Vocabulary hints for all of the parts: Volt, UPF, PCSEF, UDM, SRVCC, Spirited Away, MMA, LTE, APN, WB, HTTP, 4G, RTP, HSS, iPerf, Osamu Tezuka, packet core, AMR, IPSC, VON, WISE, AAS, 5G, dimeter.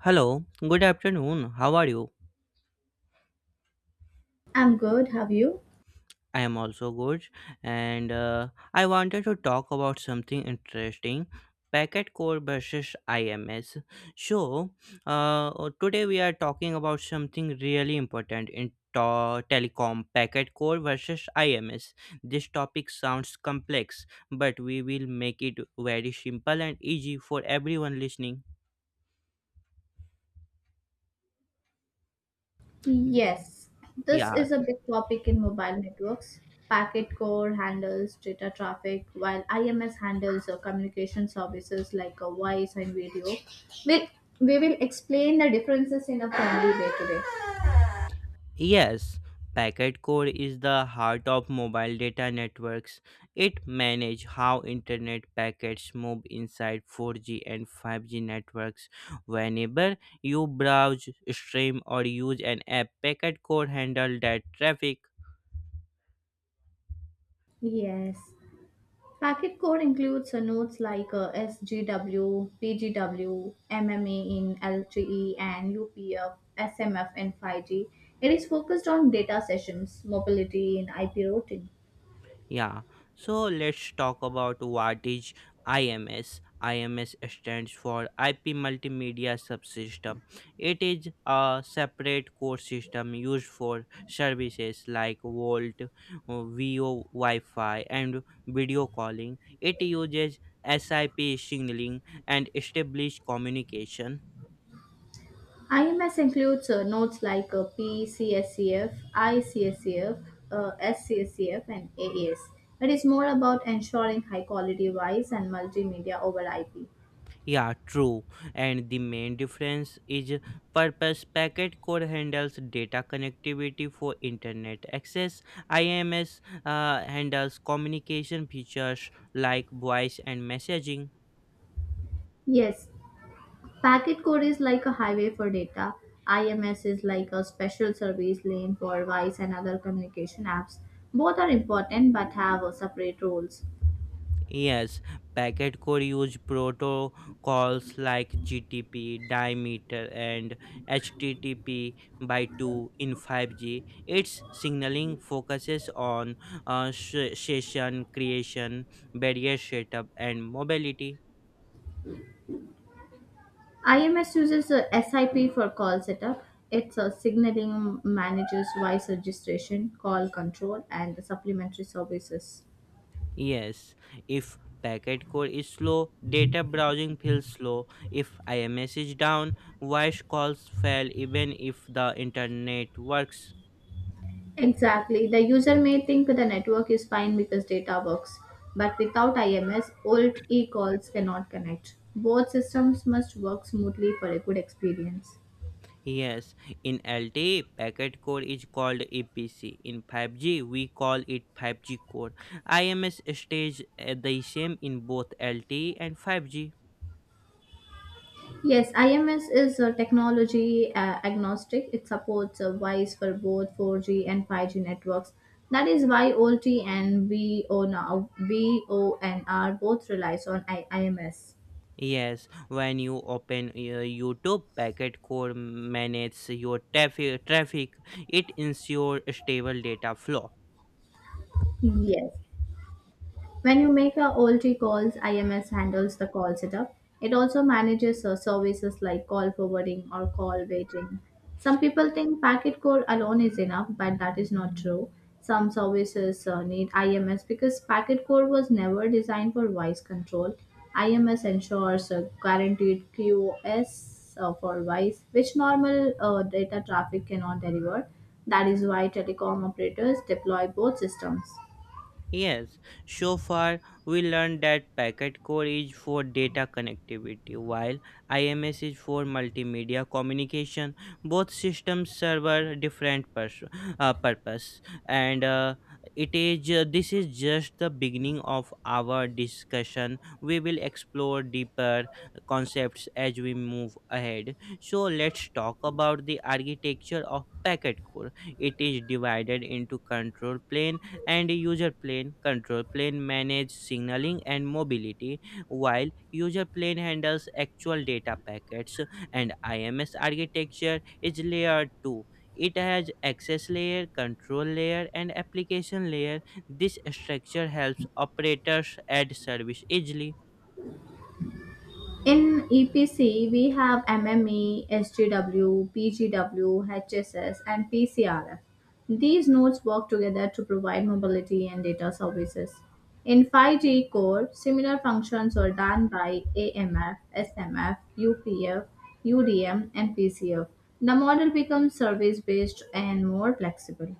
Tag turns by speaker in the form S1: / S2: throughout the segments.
S1: Hello, good afternoon. How are you?
S2: I'm good, have you?
S1: I am also good, and I wanted to talk about something interesting packet core versus IMS. So, uh, today we are talking about something really important in telecom packet core versus IMS. This topic sounds complex, but we will make it very simple and easy for everyone listening.
S2: Yes, this is
S1: Yeah.
S2: a big topic in mobile networks. Packet core handles data traffic, while IMS handles communication services like voice and video. We'll, we will explain the differences in a friendly way today.
S1: Yes, packet core is the heart of mobile data networks. It manages how internet packets move inside 4G and 5G networks. Whenever you browse, stream or use an app, packet core handles that traffic.
S2: Yes. Packet core includes nodes like SGW, PGW, MMA in LTE, and UPF, SMF, and 5G. It is focused on data sessions, mobility, and IP routing.
S1: Yeah, so let's talk about what is IMS. IMS stands for IP Multimedia Subsystem. It is a separate core system used for services like Volt, VO Wi-Fi, and video calling. It uses SIP signaling and established communication.
S2: IMS includes notes like PCSCF, ICSCF, SCSCF, and AAS. It is more about ensuring high quality voice and multimedia over IP.
S1: Yeah, true. And the main difference is purpose. Packet core handles data connectivity for internet access. IMS handles communication features like voice and messaging.
S2: Yes, packet code is like a highway for data. IMS is like a special service lane for voice and other communication apps. Both are important but have separate roles.
S1: Yes, packet core use protocols like GTP, dimeter, and HTTP by 2 in 5G. Its signaling focuses on session creation, barrier setup, and mobility.
S2: IMS uses a SIP for call setup. It's a signaling manager's voice registration, call control, and the supplementary services.
S1: Yes, if packet core is slow, data browsing feels slow. If IMS is down, voice calls fail even if the internet works.
S2: Exactly. The user may think the network is fine because data works, but without IMS, old e calls cannot connect. Both systems must work smoothly for a good experience.
S1: Yes, in LTE, packet core is called EPC. In 5G, we call it 5G core. IMS stage the same in both LTE and 5G.
S2: Yes, IMS is technology agnostic. It supports WISE for both 4G and 5G networks. That is why O T and VON both relies on IMS.
S1: Yes, when you open YouTube, packet core manages your traffic. It ensures stable data flow.
S2: Yes. When you make a OLT calls, IMS handles the call setup. It also manages services like call forwarding or call waiting. Some people think packet core alone is enough, but that is not true. Some services need IMS because packet core was never designed for voice control. IMS ensures a guaranteed QoS for voice, which normal data traffic cannot deliver. That is why telecom operators deploy both systems.
S1: Yes, so far we learned that packet core is for data connectivity while IMS is for multimedia communication. Both systems serve a different purpose, and this is just the beginning of our discussion. We will explore deeper concepts as we move ahead. So let's talk about the architecture of packet core. It is divided into control plane and user plane control. Plane manage signaling and mobility, while user plane handles actual data packets. And IMS architecture is layer 2. It has access layer, control layer, and application layer. This structure helps operators add service easily.
S2: In EPC, we have MME, SGW, PGW, HSS, and PCRF. These nodes work together to provide mobility and data services. In 5G core, similar functions are done by AMF, SMF, UPF, UDM, and PCF. The model becomes service based and more flexible.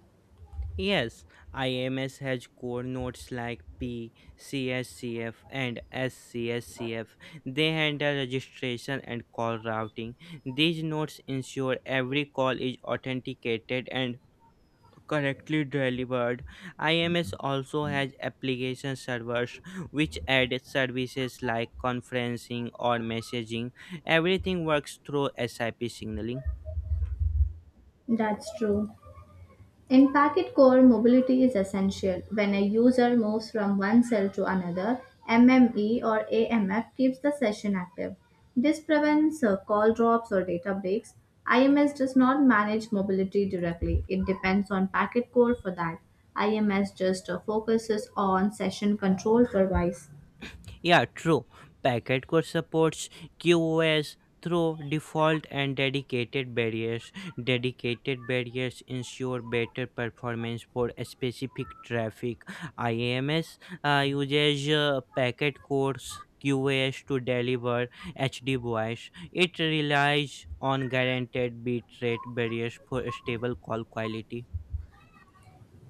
S1: Yes, IMS has core nodes like P, CSCF, and SCSCF. They handle registration and call routing. These nodes ensure every call is authenticated and correctly delivered. IMS also has application servers which add services like conferencing or messaging. Everything works through SIP signaling.
S2: That's true. In packet core, mobility is essential. When a user moves from one cell to another, MME or AMF keeps the session active. This prevents call drops or data breaks. IMS does not manage mobility directly. It depends on packet core for that. IMS just focuses on session control for voice.
S1: Yeah, true. Packet Core supports QoS through default and dedicated barriers. Dedicated barriers ensure better performance for a specific traffic. IAMS uses Packet Core's QoS to deliver HD voice. It relies on guaranteed bitrate barriers for stable call quality.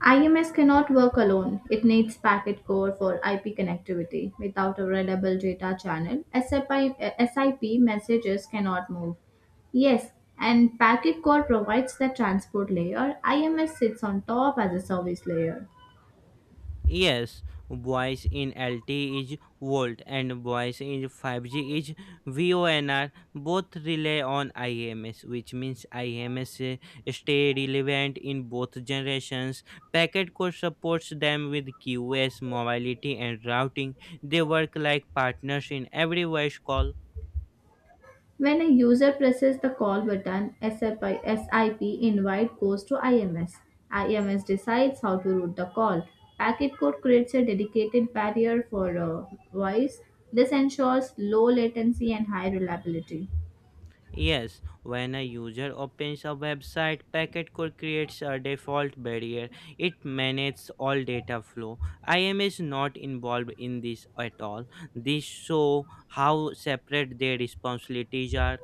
S2: IMS cannot work alone. It needs packet core for IP connectivity. Without a reliable data channel, SIP, SIP messages cannot move. Yes, and packet core provides the transport layer. IMS sits on top as a service layer.
S1: Yes, voice in LTE is volt and voice in 5G is VONR. Both rely on IMS, which means IMS stay relevant in both generations. Packet Core supports them with QoS, mobility, and routing. They work like partners in every voice call.
S2: When a user presses the call button, SIP, SIP invite goes to IMS. IMS decides how to route the call. Packet code creates a dedicated barrier for voice. This ensures low latency and high reliability.
S1: Yes, when a user opens a website, packet core creates a default barrier. It manages all data flow. IAM is not involved in this at all. This show how separate their responsibilities are.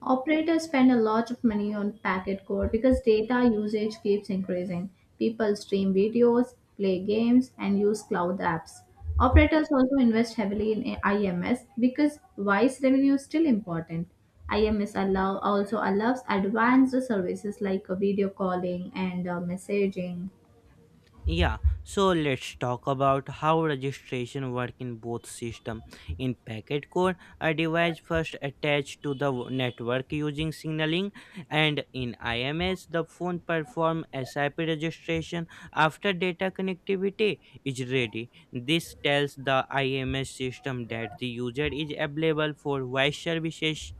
S2: Operators spend a lot of money on packet core because data usage keeps increasing. People stream videos, play games, and use cloud apps. Operators also invest heavily in IMS because voice revenue is still important. IMS also allows advanced services like video calling and messaging.
S1: Yeah, so let's talk about how registration work in both system. In packet core, a device first attached to the network using signaling, and in IMS, the phone perform SIP registration after data connectivity is ready. This tells the IMS system that the user is available for voice services.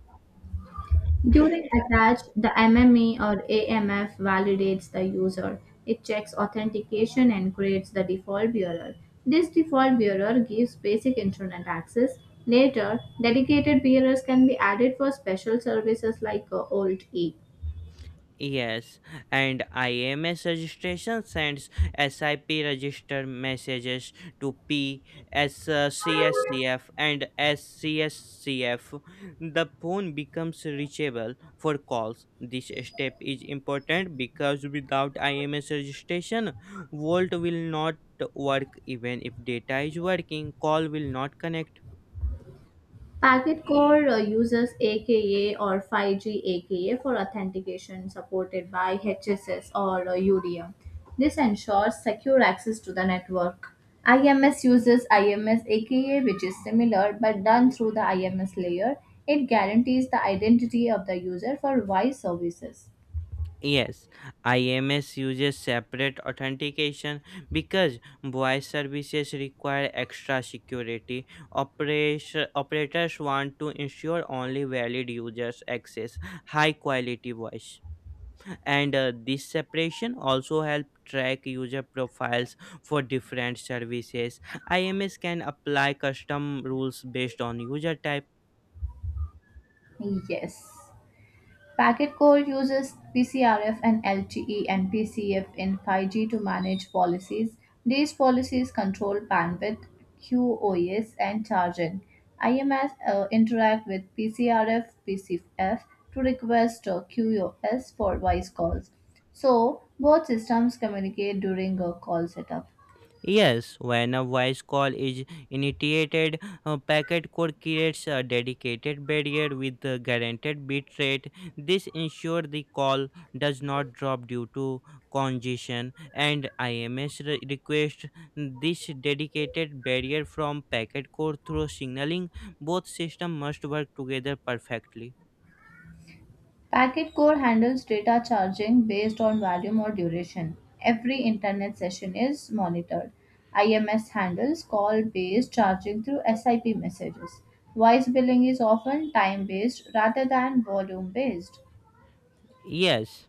S2: During attach, the MME or AMF validates the user. It checks authentication and creates the default bearer. This default bearer gives basic internet access. Later, dedicated bearers can be added for special services like OLT E.
S1: Yes, and IMS registration sends SIP register messages to P S CSCF and SCSCF. The phone becomes reachable for calls. This step is important because without IMS registration, Volt will not work even if data is working. Call will not connect.
S2: Packet Core uses AKA or 5G AKA for authentication supported by HSS or UDM. This ensures secure access to the network. IMS uses IMS AKA, which is similar but done through the IMS layer. It guarantees the identity of the user for voice services.
S1: Yes, IMS uses separate authentication because voice services require extra security. Operators want to ensure only valid users access high quality voice. And this separation also help track user profiles for different services. IMS can apply custom rules based on user type.
S2: Yes. Packet core uses PCRF and LTE and PCF in 5G to manage policies. These policies control bandwidth, QoS, and charging. IMS interact with PCRF, PCF to request QoS for voice calls. So, both systems communicate during a call setup.
S1: Yes, when a voice call is initiated, a packet code creates a dedicated barrier with a guaranteed bit rate. This ensures the call does not drop due to congestion, and IMS request this dedicated barrier from packet code through signaling. Both systems must work together perfectly.
S2: Packet core handles data charging based on volume or duration. Every internet session is monitored. IMS handles call based charging through SIP messages. Voice billing is often time based rather than volume based.
S1: Yes.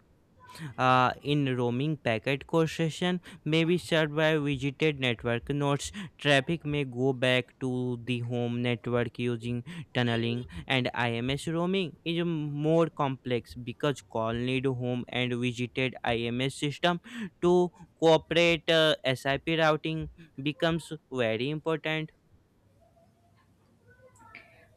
S1: In roaming packet congestion may be served by visited network nodes. Traffic may go back to the home network using tunneling, and IMS roaming is more complex because call need home and visited IMS system to cooperate. SIP routing becomes very important.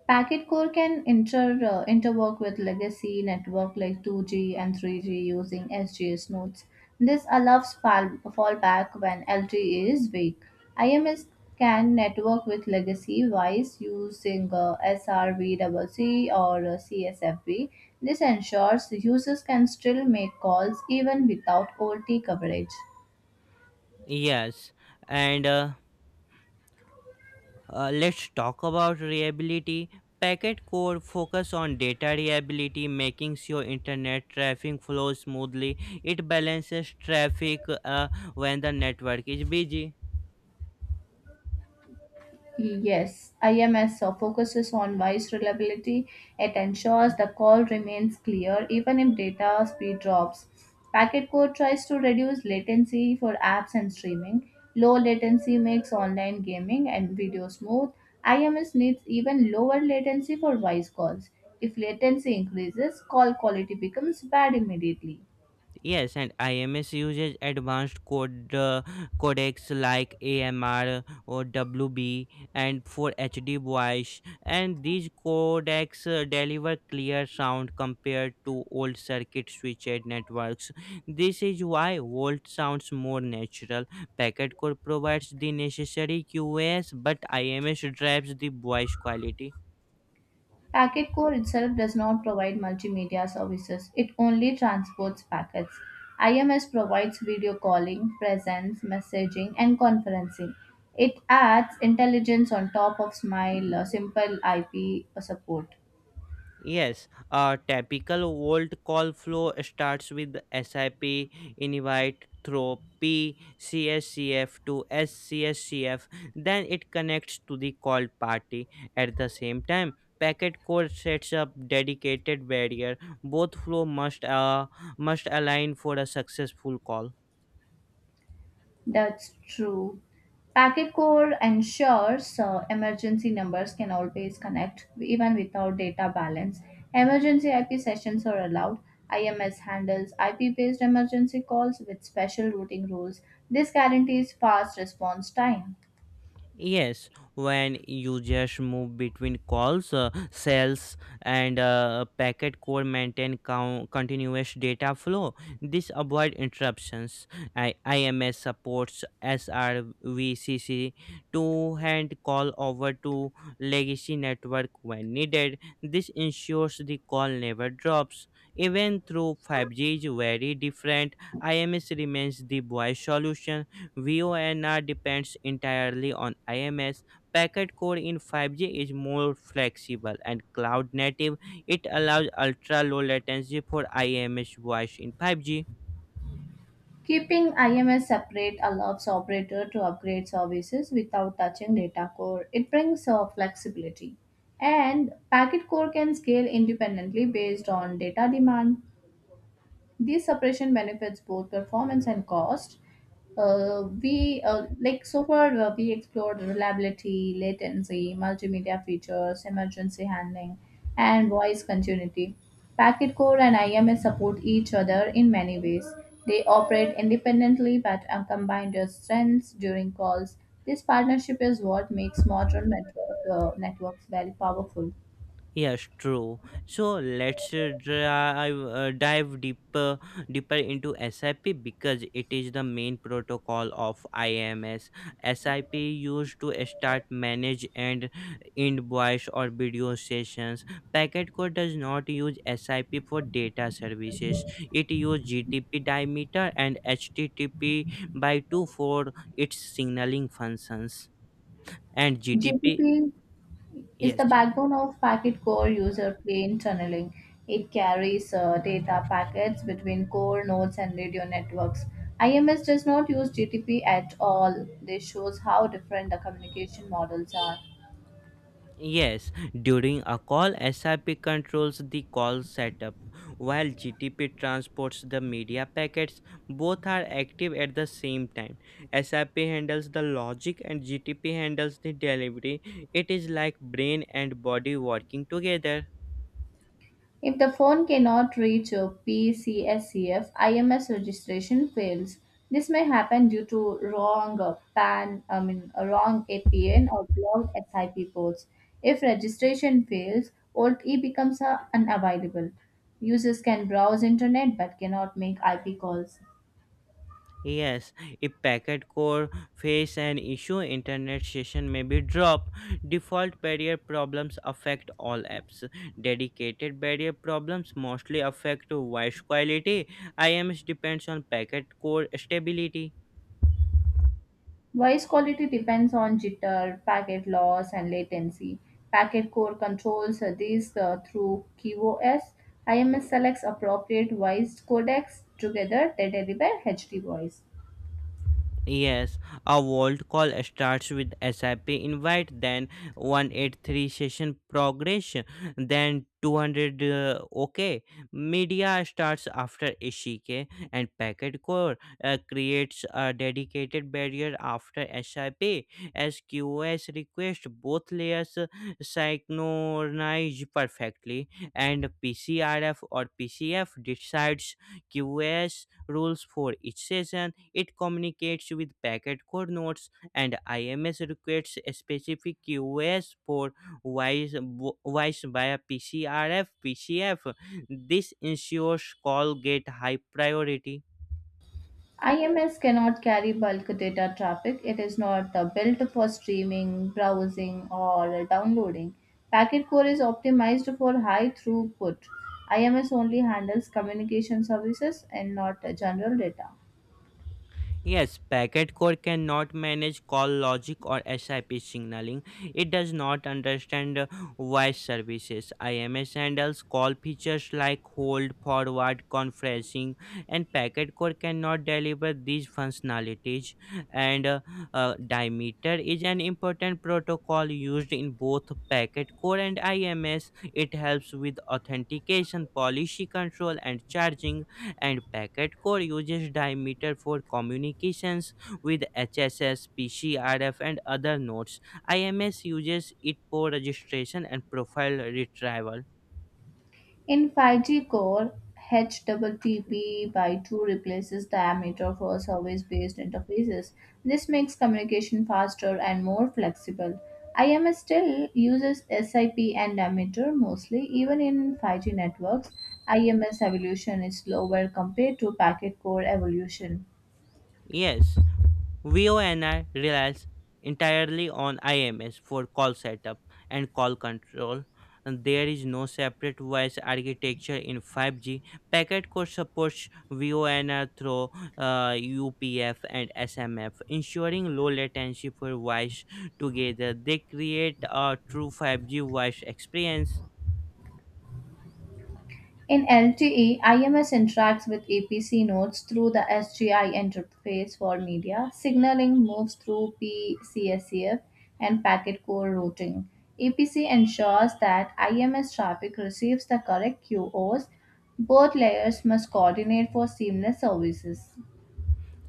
S2: Packet core can interwork with legacy network like 2G and 3G using SGS nodes. This allows fallback when LTE is weak. IMS can network with legacy WISE using SRVCC or CSFB. This ensures users can still make calls even without OT coverage.
S1: Yes, and let's talk about reliability. Packet core focus on data reliability, making sure internet traffic flows smoothly. It balances traffic when the network is busy.
S2: Yes, IMS focuses on voice reliability. It ensures the call remains clear even if data speed drops. Packet code tries to reduce latency for apps and streaming. Low latency makes online gaming and video smooth. IMS needs even lower latency for voice calls. If latency increases, call quality becomes bad immediately.
S1: Yes, and IMS uses advanced codecs like AMR or WB and for HD voice, and these codecs deliver clear sound compared to old circuit switched networks. This is why Volt sounds more natural. Packet code provides the necessary QoS, but IMS drives the voice quality.
S2: Packet core itself does not provide multimedia services, it only transports packets. IMS provides video calling, presence, messaging, and conferencing. It adds intelligence on top of Smile simple IP support.
S1: Yes, a typical Volt call flow starts with SIP invite through PCSCF to SCSCF, then it connects to the call party. At the same time, packet core sets up dedicated barrier. Both flow must must align for a successful call.
S2: That's true. Packet core ensures emergency numbers can always connect even without data balance. Emergency IP sessions are allowed. IMS handles IP based emergency calls with special routing rules. This guarantees fast response time.
S1: Yes, when you just move between cells, and packet core maintain continuous data flow. This avoid interruptions. IMS supports SRVCC to hand call over to legacy network when needed. This ensures the call never drops. Even through 5G is very different, IMS remains the voice solution. VONR depends entirely on IMS. Packet core in 5G is more flexible and cloud native. It allows ultra low latency for IMS voice in 5G.
S2: Keeping IMS separate allows operator to upgrade services without touching data core. It brings flexibility. And packet core can scale independently based on data demand. This separation benefits both performance and cost. We like, so far, we explored reliability, latency, multimedia features, emergency handling, and voice continuity. Packet core and IMS support each other in many ways. They operate independently but are combined their strengths during calls. This partnership is what makes networks very powerful.
S1: Yes, true. So let's dive deeper into SIP because it is the main protocol of IMS. SIP used to start, manage, and end voice or video sessions. Packet core does not use SIP for data services. It uses GTP diameter and HTTP by two for its signaling functions. And GTP,
S2: GPP is the
S1: yes, yes.
S2: backbone of packet core user plane tunneling. It carries data packets between core nodes and radio networks. IMS does not use GTP at all. This shows how different the communication models are.
S1: Yes, during a call, SIP controls the call setup, while GTP transports the media packets. Both are active at the same time. SIP handles the logic and GTP handles the delivery. It is like brain and body working together.
S2: If the phone cannot reach a PCSCF, IMS registration fails. This may happen due to wrong PAN, I mean wrong APN or blocked SIP ports. If registration fails, old E becomes unavailable. Users can browse internet but cannot make IP calls.
S1: Yes, if packet core face an issue, internet session may be dropped. Default barrier problems affect all apps. Dedicated barrier problems mostly affect voice quality. IMS depends on packet core stability.
S2: Voice quality depends on jitter, packet loss, and latency. Packet core controls these through QoS. IMS selects appropriate voice codecs. Together, they deliver HD voice.
S1: Yes, a vault call starts with SIP invite, then 183 session progression, then 200 OK. Media starts after ACK, and packet core creates a dedicated barrier after SIP. SQS request both layers synchronize perfectly, and PCRF or PCF decides QoS rules for each session. It communicates with packet core notes, and IMS requests a specific QoS for voice voice via PCRF PCF. This ensures call get high priority.
S2: IMS cannot carry bulk data traffic. It is not built for streaming, browsing, or downloading. Packet core is optimized for high throughput. IMS only handles communication services and not general data.
S1: Yes, packet core cannot manage call logic or SIP signaling. It does not understand voice services. IMS handles call features like hold, forward, conferencing, and packet core cannot deliver these functionalities. And diameter is an important protocol used in both packet core and IMS. It helps with authentication, policy control, and charging, and Packet Core uses Diameter for communications with HSS, PCRF, and other nodes. IMS uses it for registration and profile retrieval.
S2: In 5G core, HTTP by 2 replaces the diameter for service-based interfaces. This makes communication faster and more flexible. IMS still uses SIP and diameter mostly, even in 5G networks. IMS evolution is slower compared to packet core evolution.
S1: Yes. VoNR relies entirely on IMS for call setup and call control. And there is no separate voice architecture in 5G. Packet core supports VONR through uh, UPF and SMF, ensuring low latency for voice. Together, they create a true 5G voice experience.
S2: In LTE, IMS interacts with APC nodes through the SGI interface for media. Signaling moves through PCSEF and packet core routing. APC ensures that IMS traffic receives the correct QoS. Both layers must coordinate for seamless services.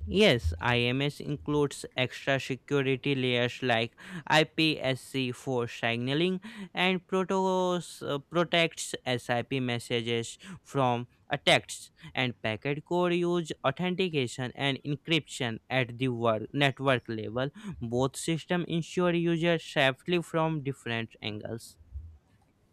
S1: Yes, IMS includes extra security layers like IPSC for signaling and protocols, protects SIP messages from attacks, and packet core use authentication and encryption at the network level. Both systems ensure users safely from different angles.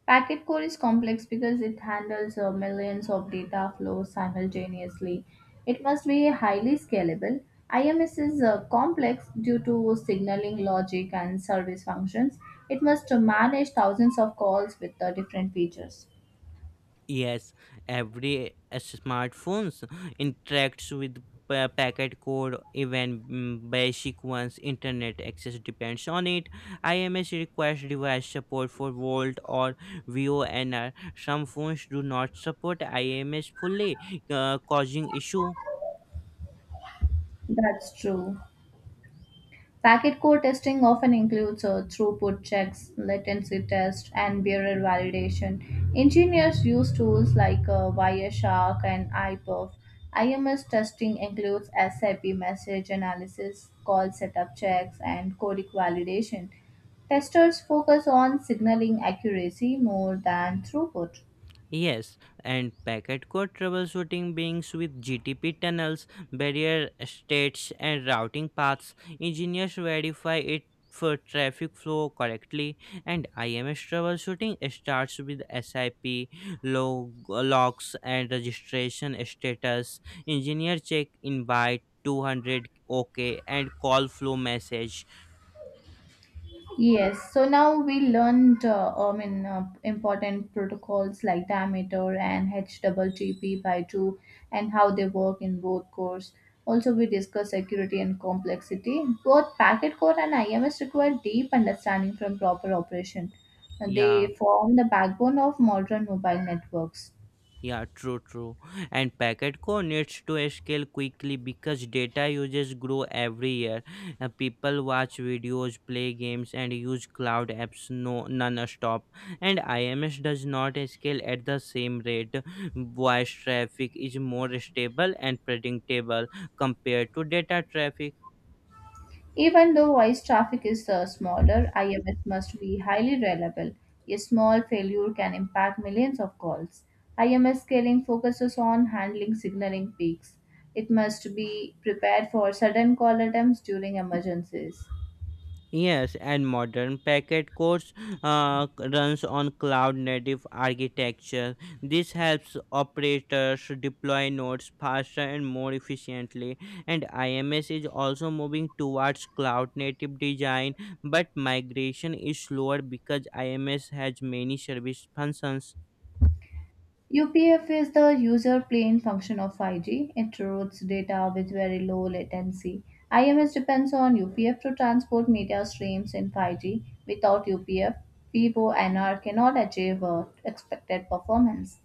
S2: Packet core is complex because it handles millions of data flows simultaneously. It must be highly scalable. IMS is complex due to signaling logic and service functions. It must manage thousands of calls with different features.
S1: Yes, every smartphones interacts with packet code, even basic ones. Internet access depends on it. IMS requires device support for Volt or VONR. Some phones do not support IMS fully, causing issue.
S2: That's true. Packet core testing often includes throughput checks, latency tests, and bearer validation. Engineers use tools like Wireshark and iPerf. IMS testing includes SIP message analysis, call setup checks, and codec validation. Testers focus on signaling accuracy more than throughput.
S1: Yes, and packet core troubleshooting beings with GTP tunnels, barrier states, and routing paths. Engineers verify it for traffic flow correctly, and IMS troubleshooting starts with SIP, logs, and registration status. Engineer check invite 200 OK and call flow message.
S2: Yes, so now we learned, I mean, important protocols like diameter and HTTP by 2 and how they work in both cores. Also, we discussed security and complexity. Both packet core and IMS require deep understanding from proper operation.
S1: Yeah.
S2: They form the backbone of modern mobile networks.
S1: Yeah, true, true. And packet core needs to scale quickly because data uses grow every year. People watch videos, play games, and use cloud apps no non-stop. And IMS does not scale at the same rate. Voice traffic is more stable and predictable compared to data traffic.
S2: Even though voice traffic is smaller, IMS must be highly reliable. A small failure can impact millions of calls. IMS scaling focuses on handling signaling peaks. It must be prepared for sudden call attempts during emergencies.
S1: Yes, and modern packet cores uh, runs on cloud native architecture. This helps operators deploy nodes faster and more efficiently. And IMS is also moving towards cloud native design, but migration is slower because IMS has many service functions.
S2: UPF is the user plane function of 5G. It routes data with very low latency. IMS depends on UPF to transport media streams in 5G. Without UPF, Vivo NR cannot achieve expected performance.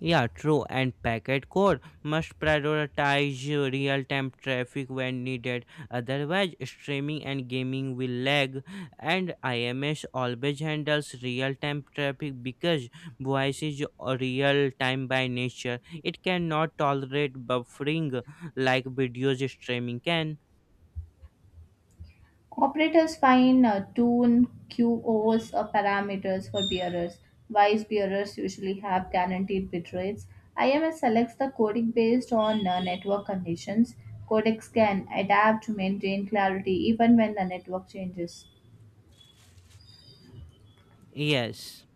S1: Yeah, true. And packet core must prioritize real time traffic when needed. Otherwise, streaming and gaming will lag. And IMS always handles real time traffic because voice is real time by nature. It cannot tolerate buffering like videos streaming can.
S2: Operators find tune QoS parameters for bearers. Wise bearers usually have guaranteed bit rates. IMS selects the codec based on network conditions. Codecs can adapt to maintain clarity even when the network changes.
S1: Yes.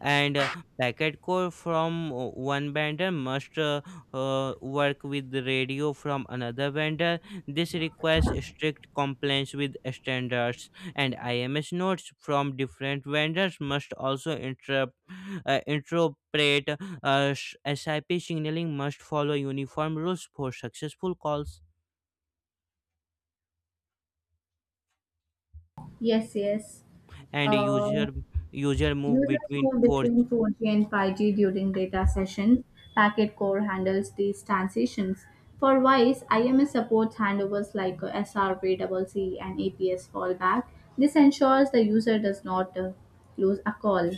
S1: And packet core from one vendor must work with the radio from another vendor. This requires strict compliance with standards, and IMS nodes from different vendors must also interpret SIP signaling must follow uniform rules for successful calls.
S2: Yes, yes.
S1: And
S2: Uh,
S1: user move
S2: Users
S1: between
S2: move
S1: four.
S2: between 4G and 5G during data sessions. Packet Core handles these transitions. For voice, IMS supports handovers like SRP, and APS fallback. This ensures the user does not lose a call.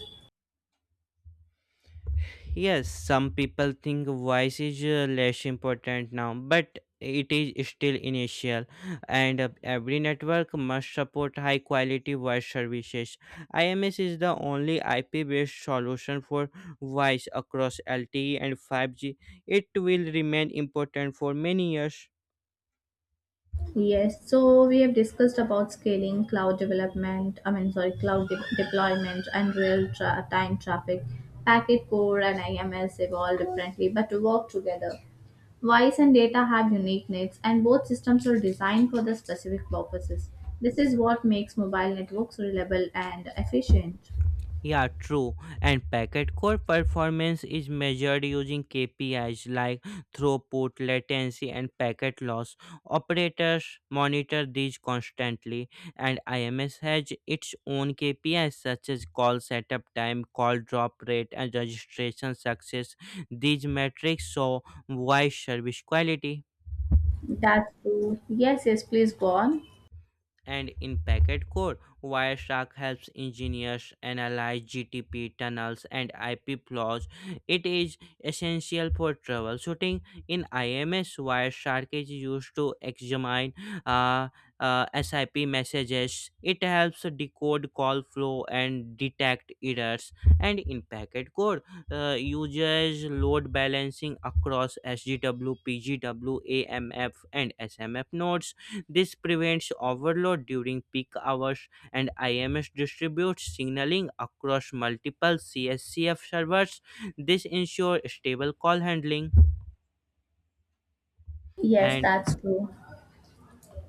S1: Yes, some people think voice is less important now, but it is still initial. And every network must support high quality voice services. IMS is the only IP based solution for voice across LTE and 5G. It will remain important for many years.
S2: Yes, so we have discussed about scaling, cloud development, I mean, sorry, cloud deployment and time traffic. Packet core and IMS evolve differently but work together. Voice and data have unique needs, and both systems are designed for the specific purposes. This is what makes mobile networks reliable and efficient.
S1: Yeah, true. And packet core performance is measured using KPIs like throughput, latency, and packet loss. Operators monitor these constantly, and IMS has its own KPIs such as call setup time, call drop rate, and registration success. These metrics show why service quality.
S2: That's true. Yes, please go on.
S1: And in packet core, Wireshark helps engineers analyze GTP tunnels and IP flaws. It is essential for troubleshooting. In IMS, Wireshark is used to examine uh, SIP messages. It helps decode call flow and detect errors. And in packet core, uses load balancing across SGW, PGW, AMF, and SMF nodes. This prevents overload during peak hours, and IMS distributes signaling across multiple CSCF servers. This ensures stable call handling
S2: Yes,
S1: and
S2: that's true.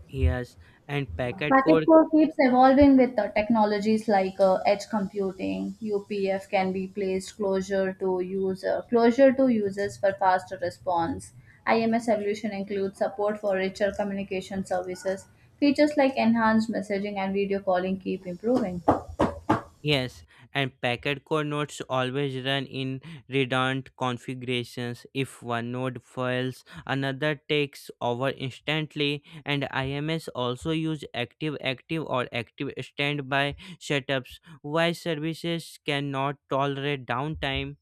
S1: yes, and packet
S2: Packet
S1: core
S2: core keeps evolving with technologies like edge computing. UPF can be placed closer to users for faster response. IMS evolution includes support for richer communication services. Features like enhanced messaging and video calling keep improving.
S1: Yes, and packet core nodes always run in redundant configurations. If one node fails, another takes over instantly, and IMS also use active active or active standby setups. Why services cannot tolerate downtime?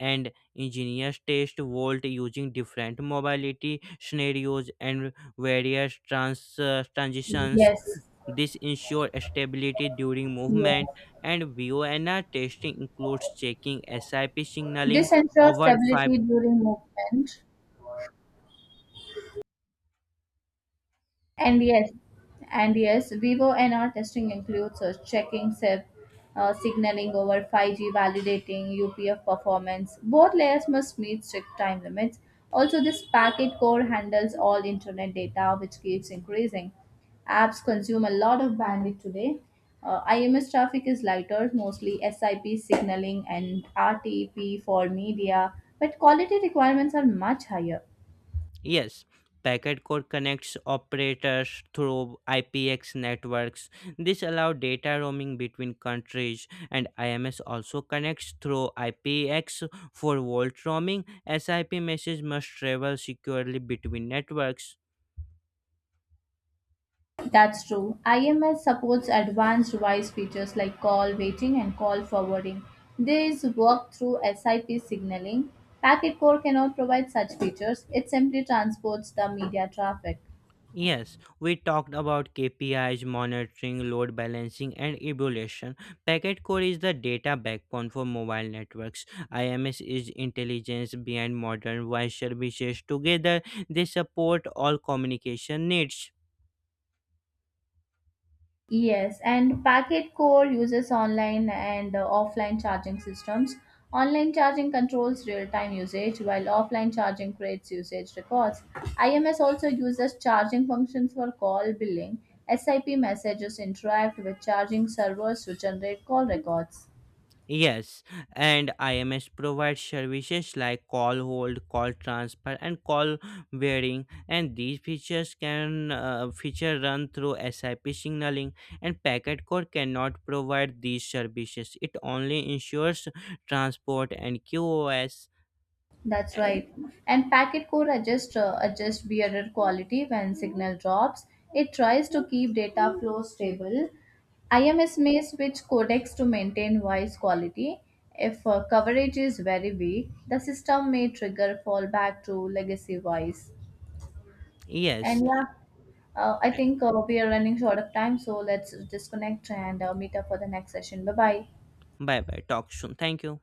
S1: And engineers test Volt using different mobility scenarios and various transitions.
S2: Yes,
S1: This ensures stability during movement,
S2: yes.
S1: and VONR testing includes checking SIP signaling
S2: This ensures
S1: over 5
S2: stability during movement. And yes, and yes, Vivo NR testing includes checking SIP, signaling over 5G, validating UPF performance. Both layers must meet strict time limits. Also, this packet core handles all internet data, which keeps increasing. Apps consume a lot of bandwidth today. IMS traffic is lighter, mostly SIP signaling and RTP for media, but quality requirements are much higher.
S1: years. Packet core connects operators through IPX networks. This allows data roaming between countries, and IMS also connects through IPX for vault roaming. SIP message must travel securely between networks.
S2: That's true. IMS supports advanced voice features like call waiting and call forwarding. These work through SIP signaling. Packet core cannot provide such features, it simply transports the media traffic.
S1: Yes, we talked about KPIs, monitoring, load balancing, and evaluation. Packet core is the data backbone for mobile networks. IMS is intelligence behind modern Wi-Fi services. Together, they support all communication needs.
S2: Yes, and Packet Core uses online and offline charging systems. Online charging controls real time usage, while offline charging creates usage records. IMS also uses charging functions for call billing. SIP messages interact with charging servers to generate call records.
S1: Yes, and IMS provides services like call hold, call transfer, and call varying. And these features can feature run through SIP signaling, and Packet Core cannot provide these services. It only ensures transport and QoS.
S2: That's right. And packet core adjust bearer quality when signal drops. It tries to keep data flow stable. IMS may switch codecs to maintain voice quality. If coverage is very weak, the system may trigger fallback to legacy voice.
S1: Yes.
S2: And yeah, I think we are running short of time, so let's disconnect and meet up for the next session. Bye bye.
S1: Bye bye. Talk soon. Thank you.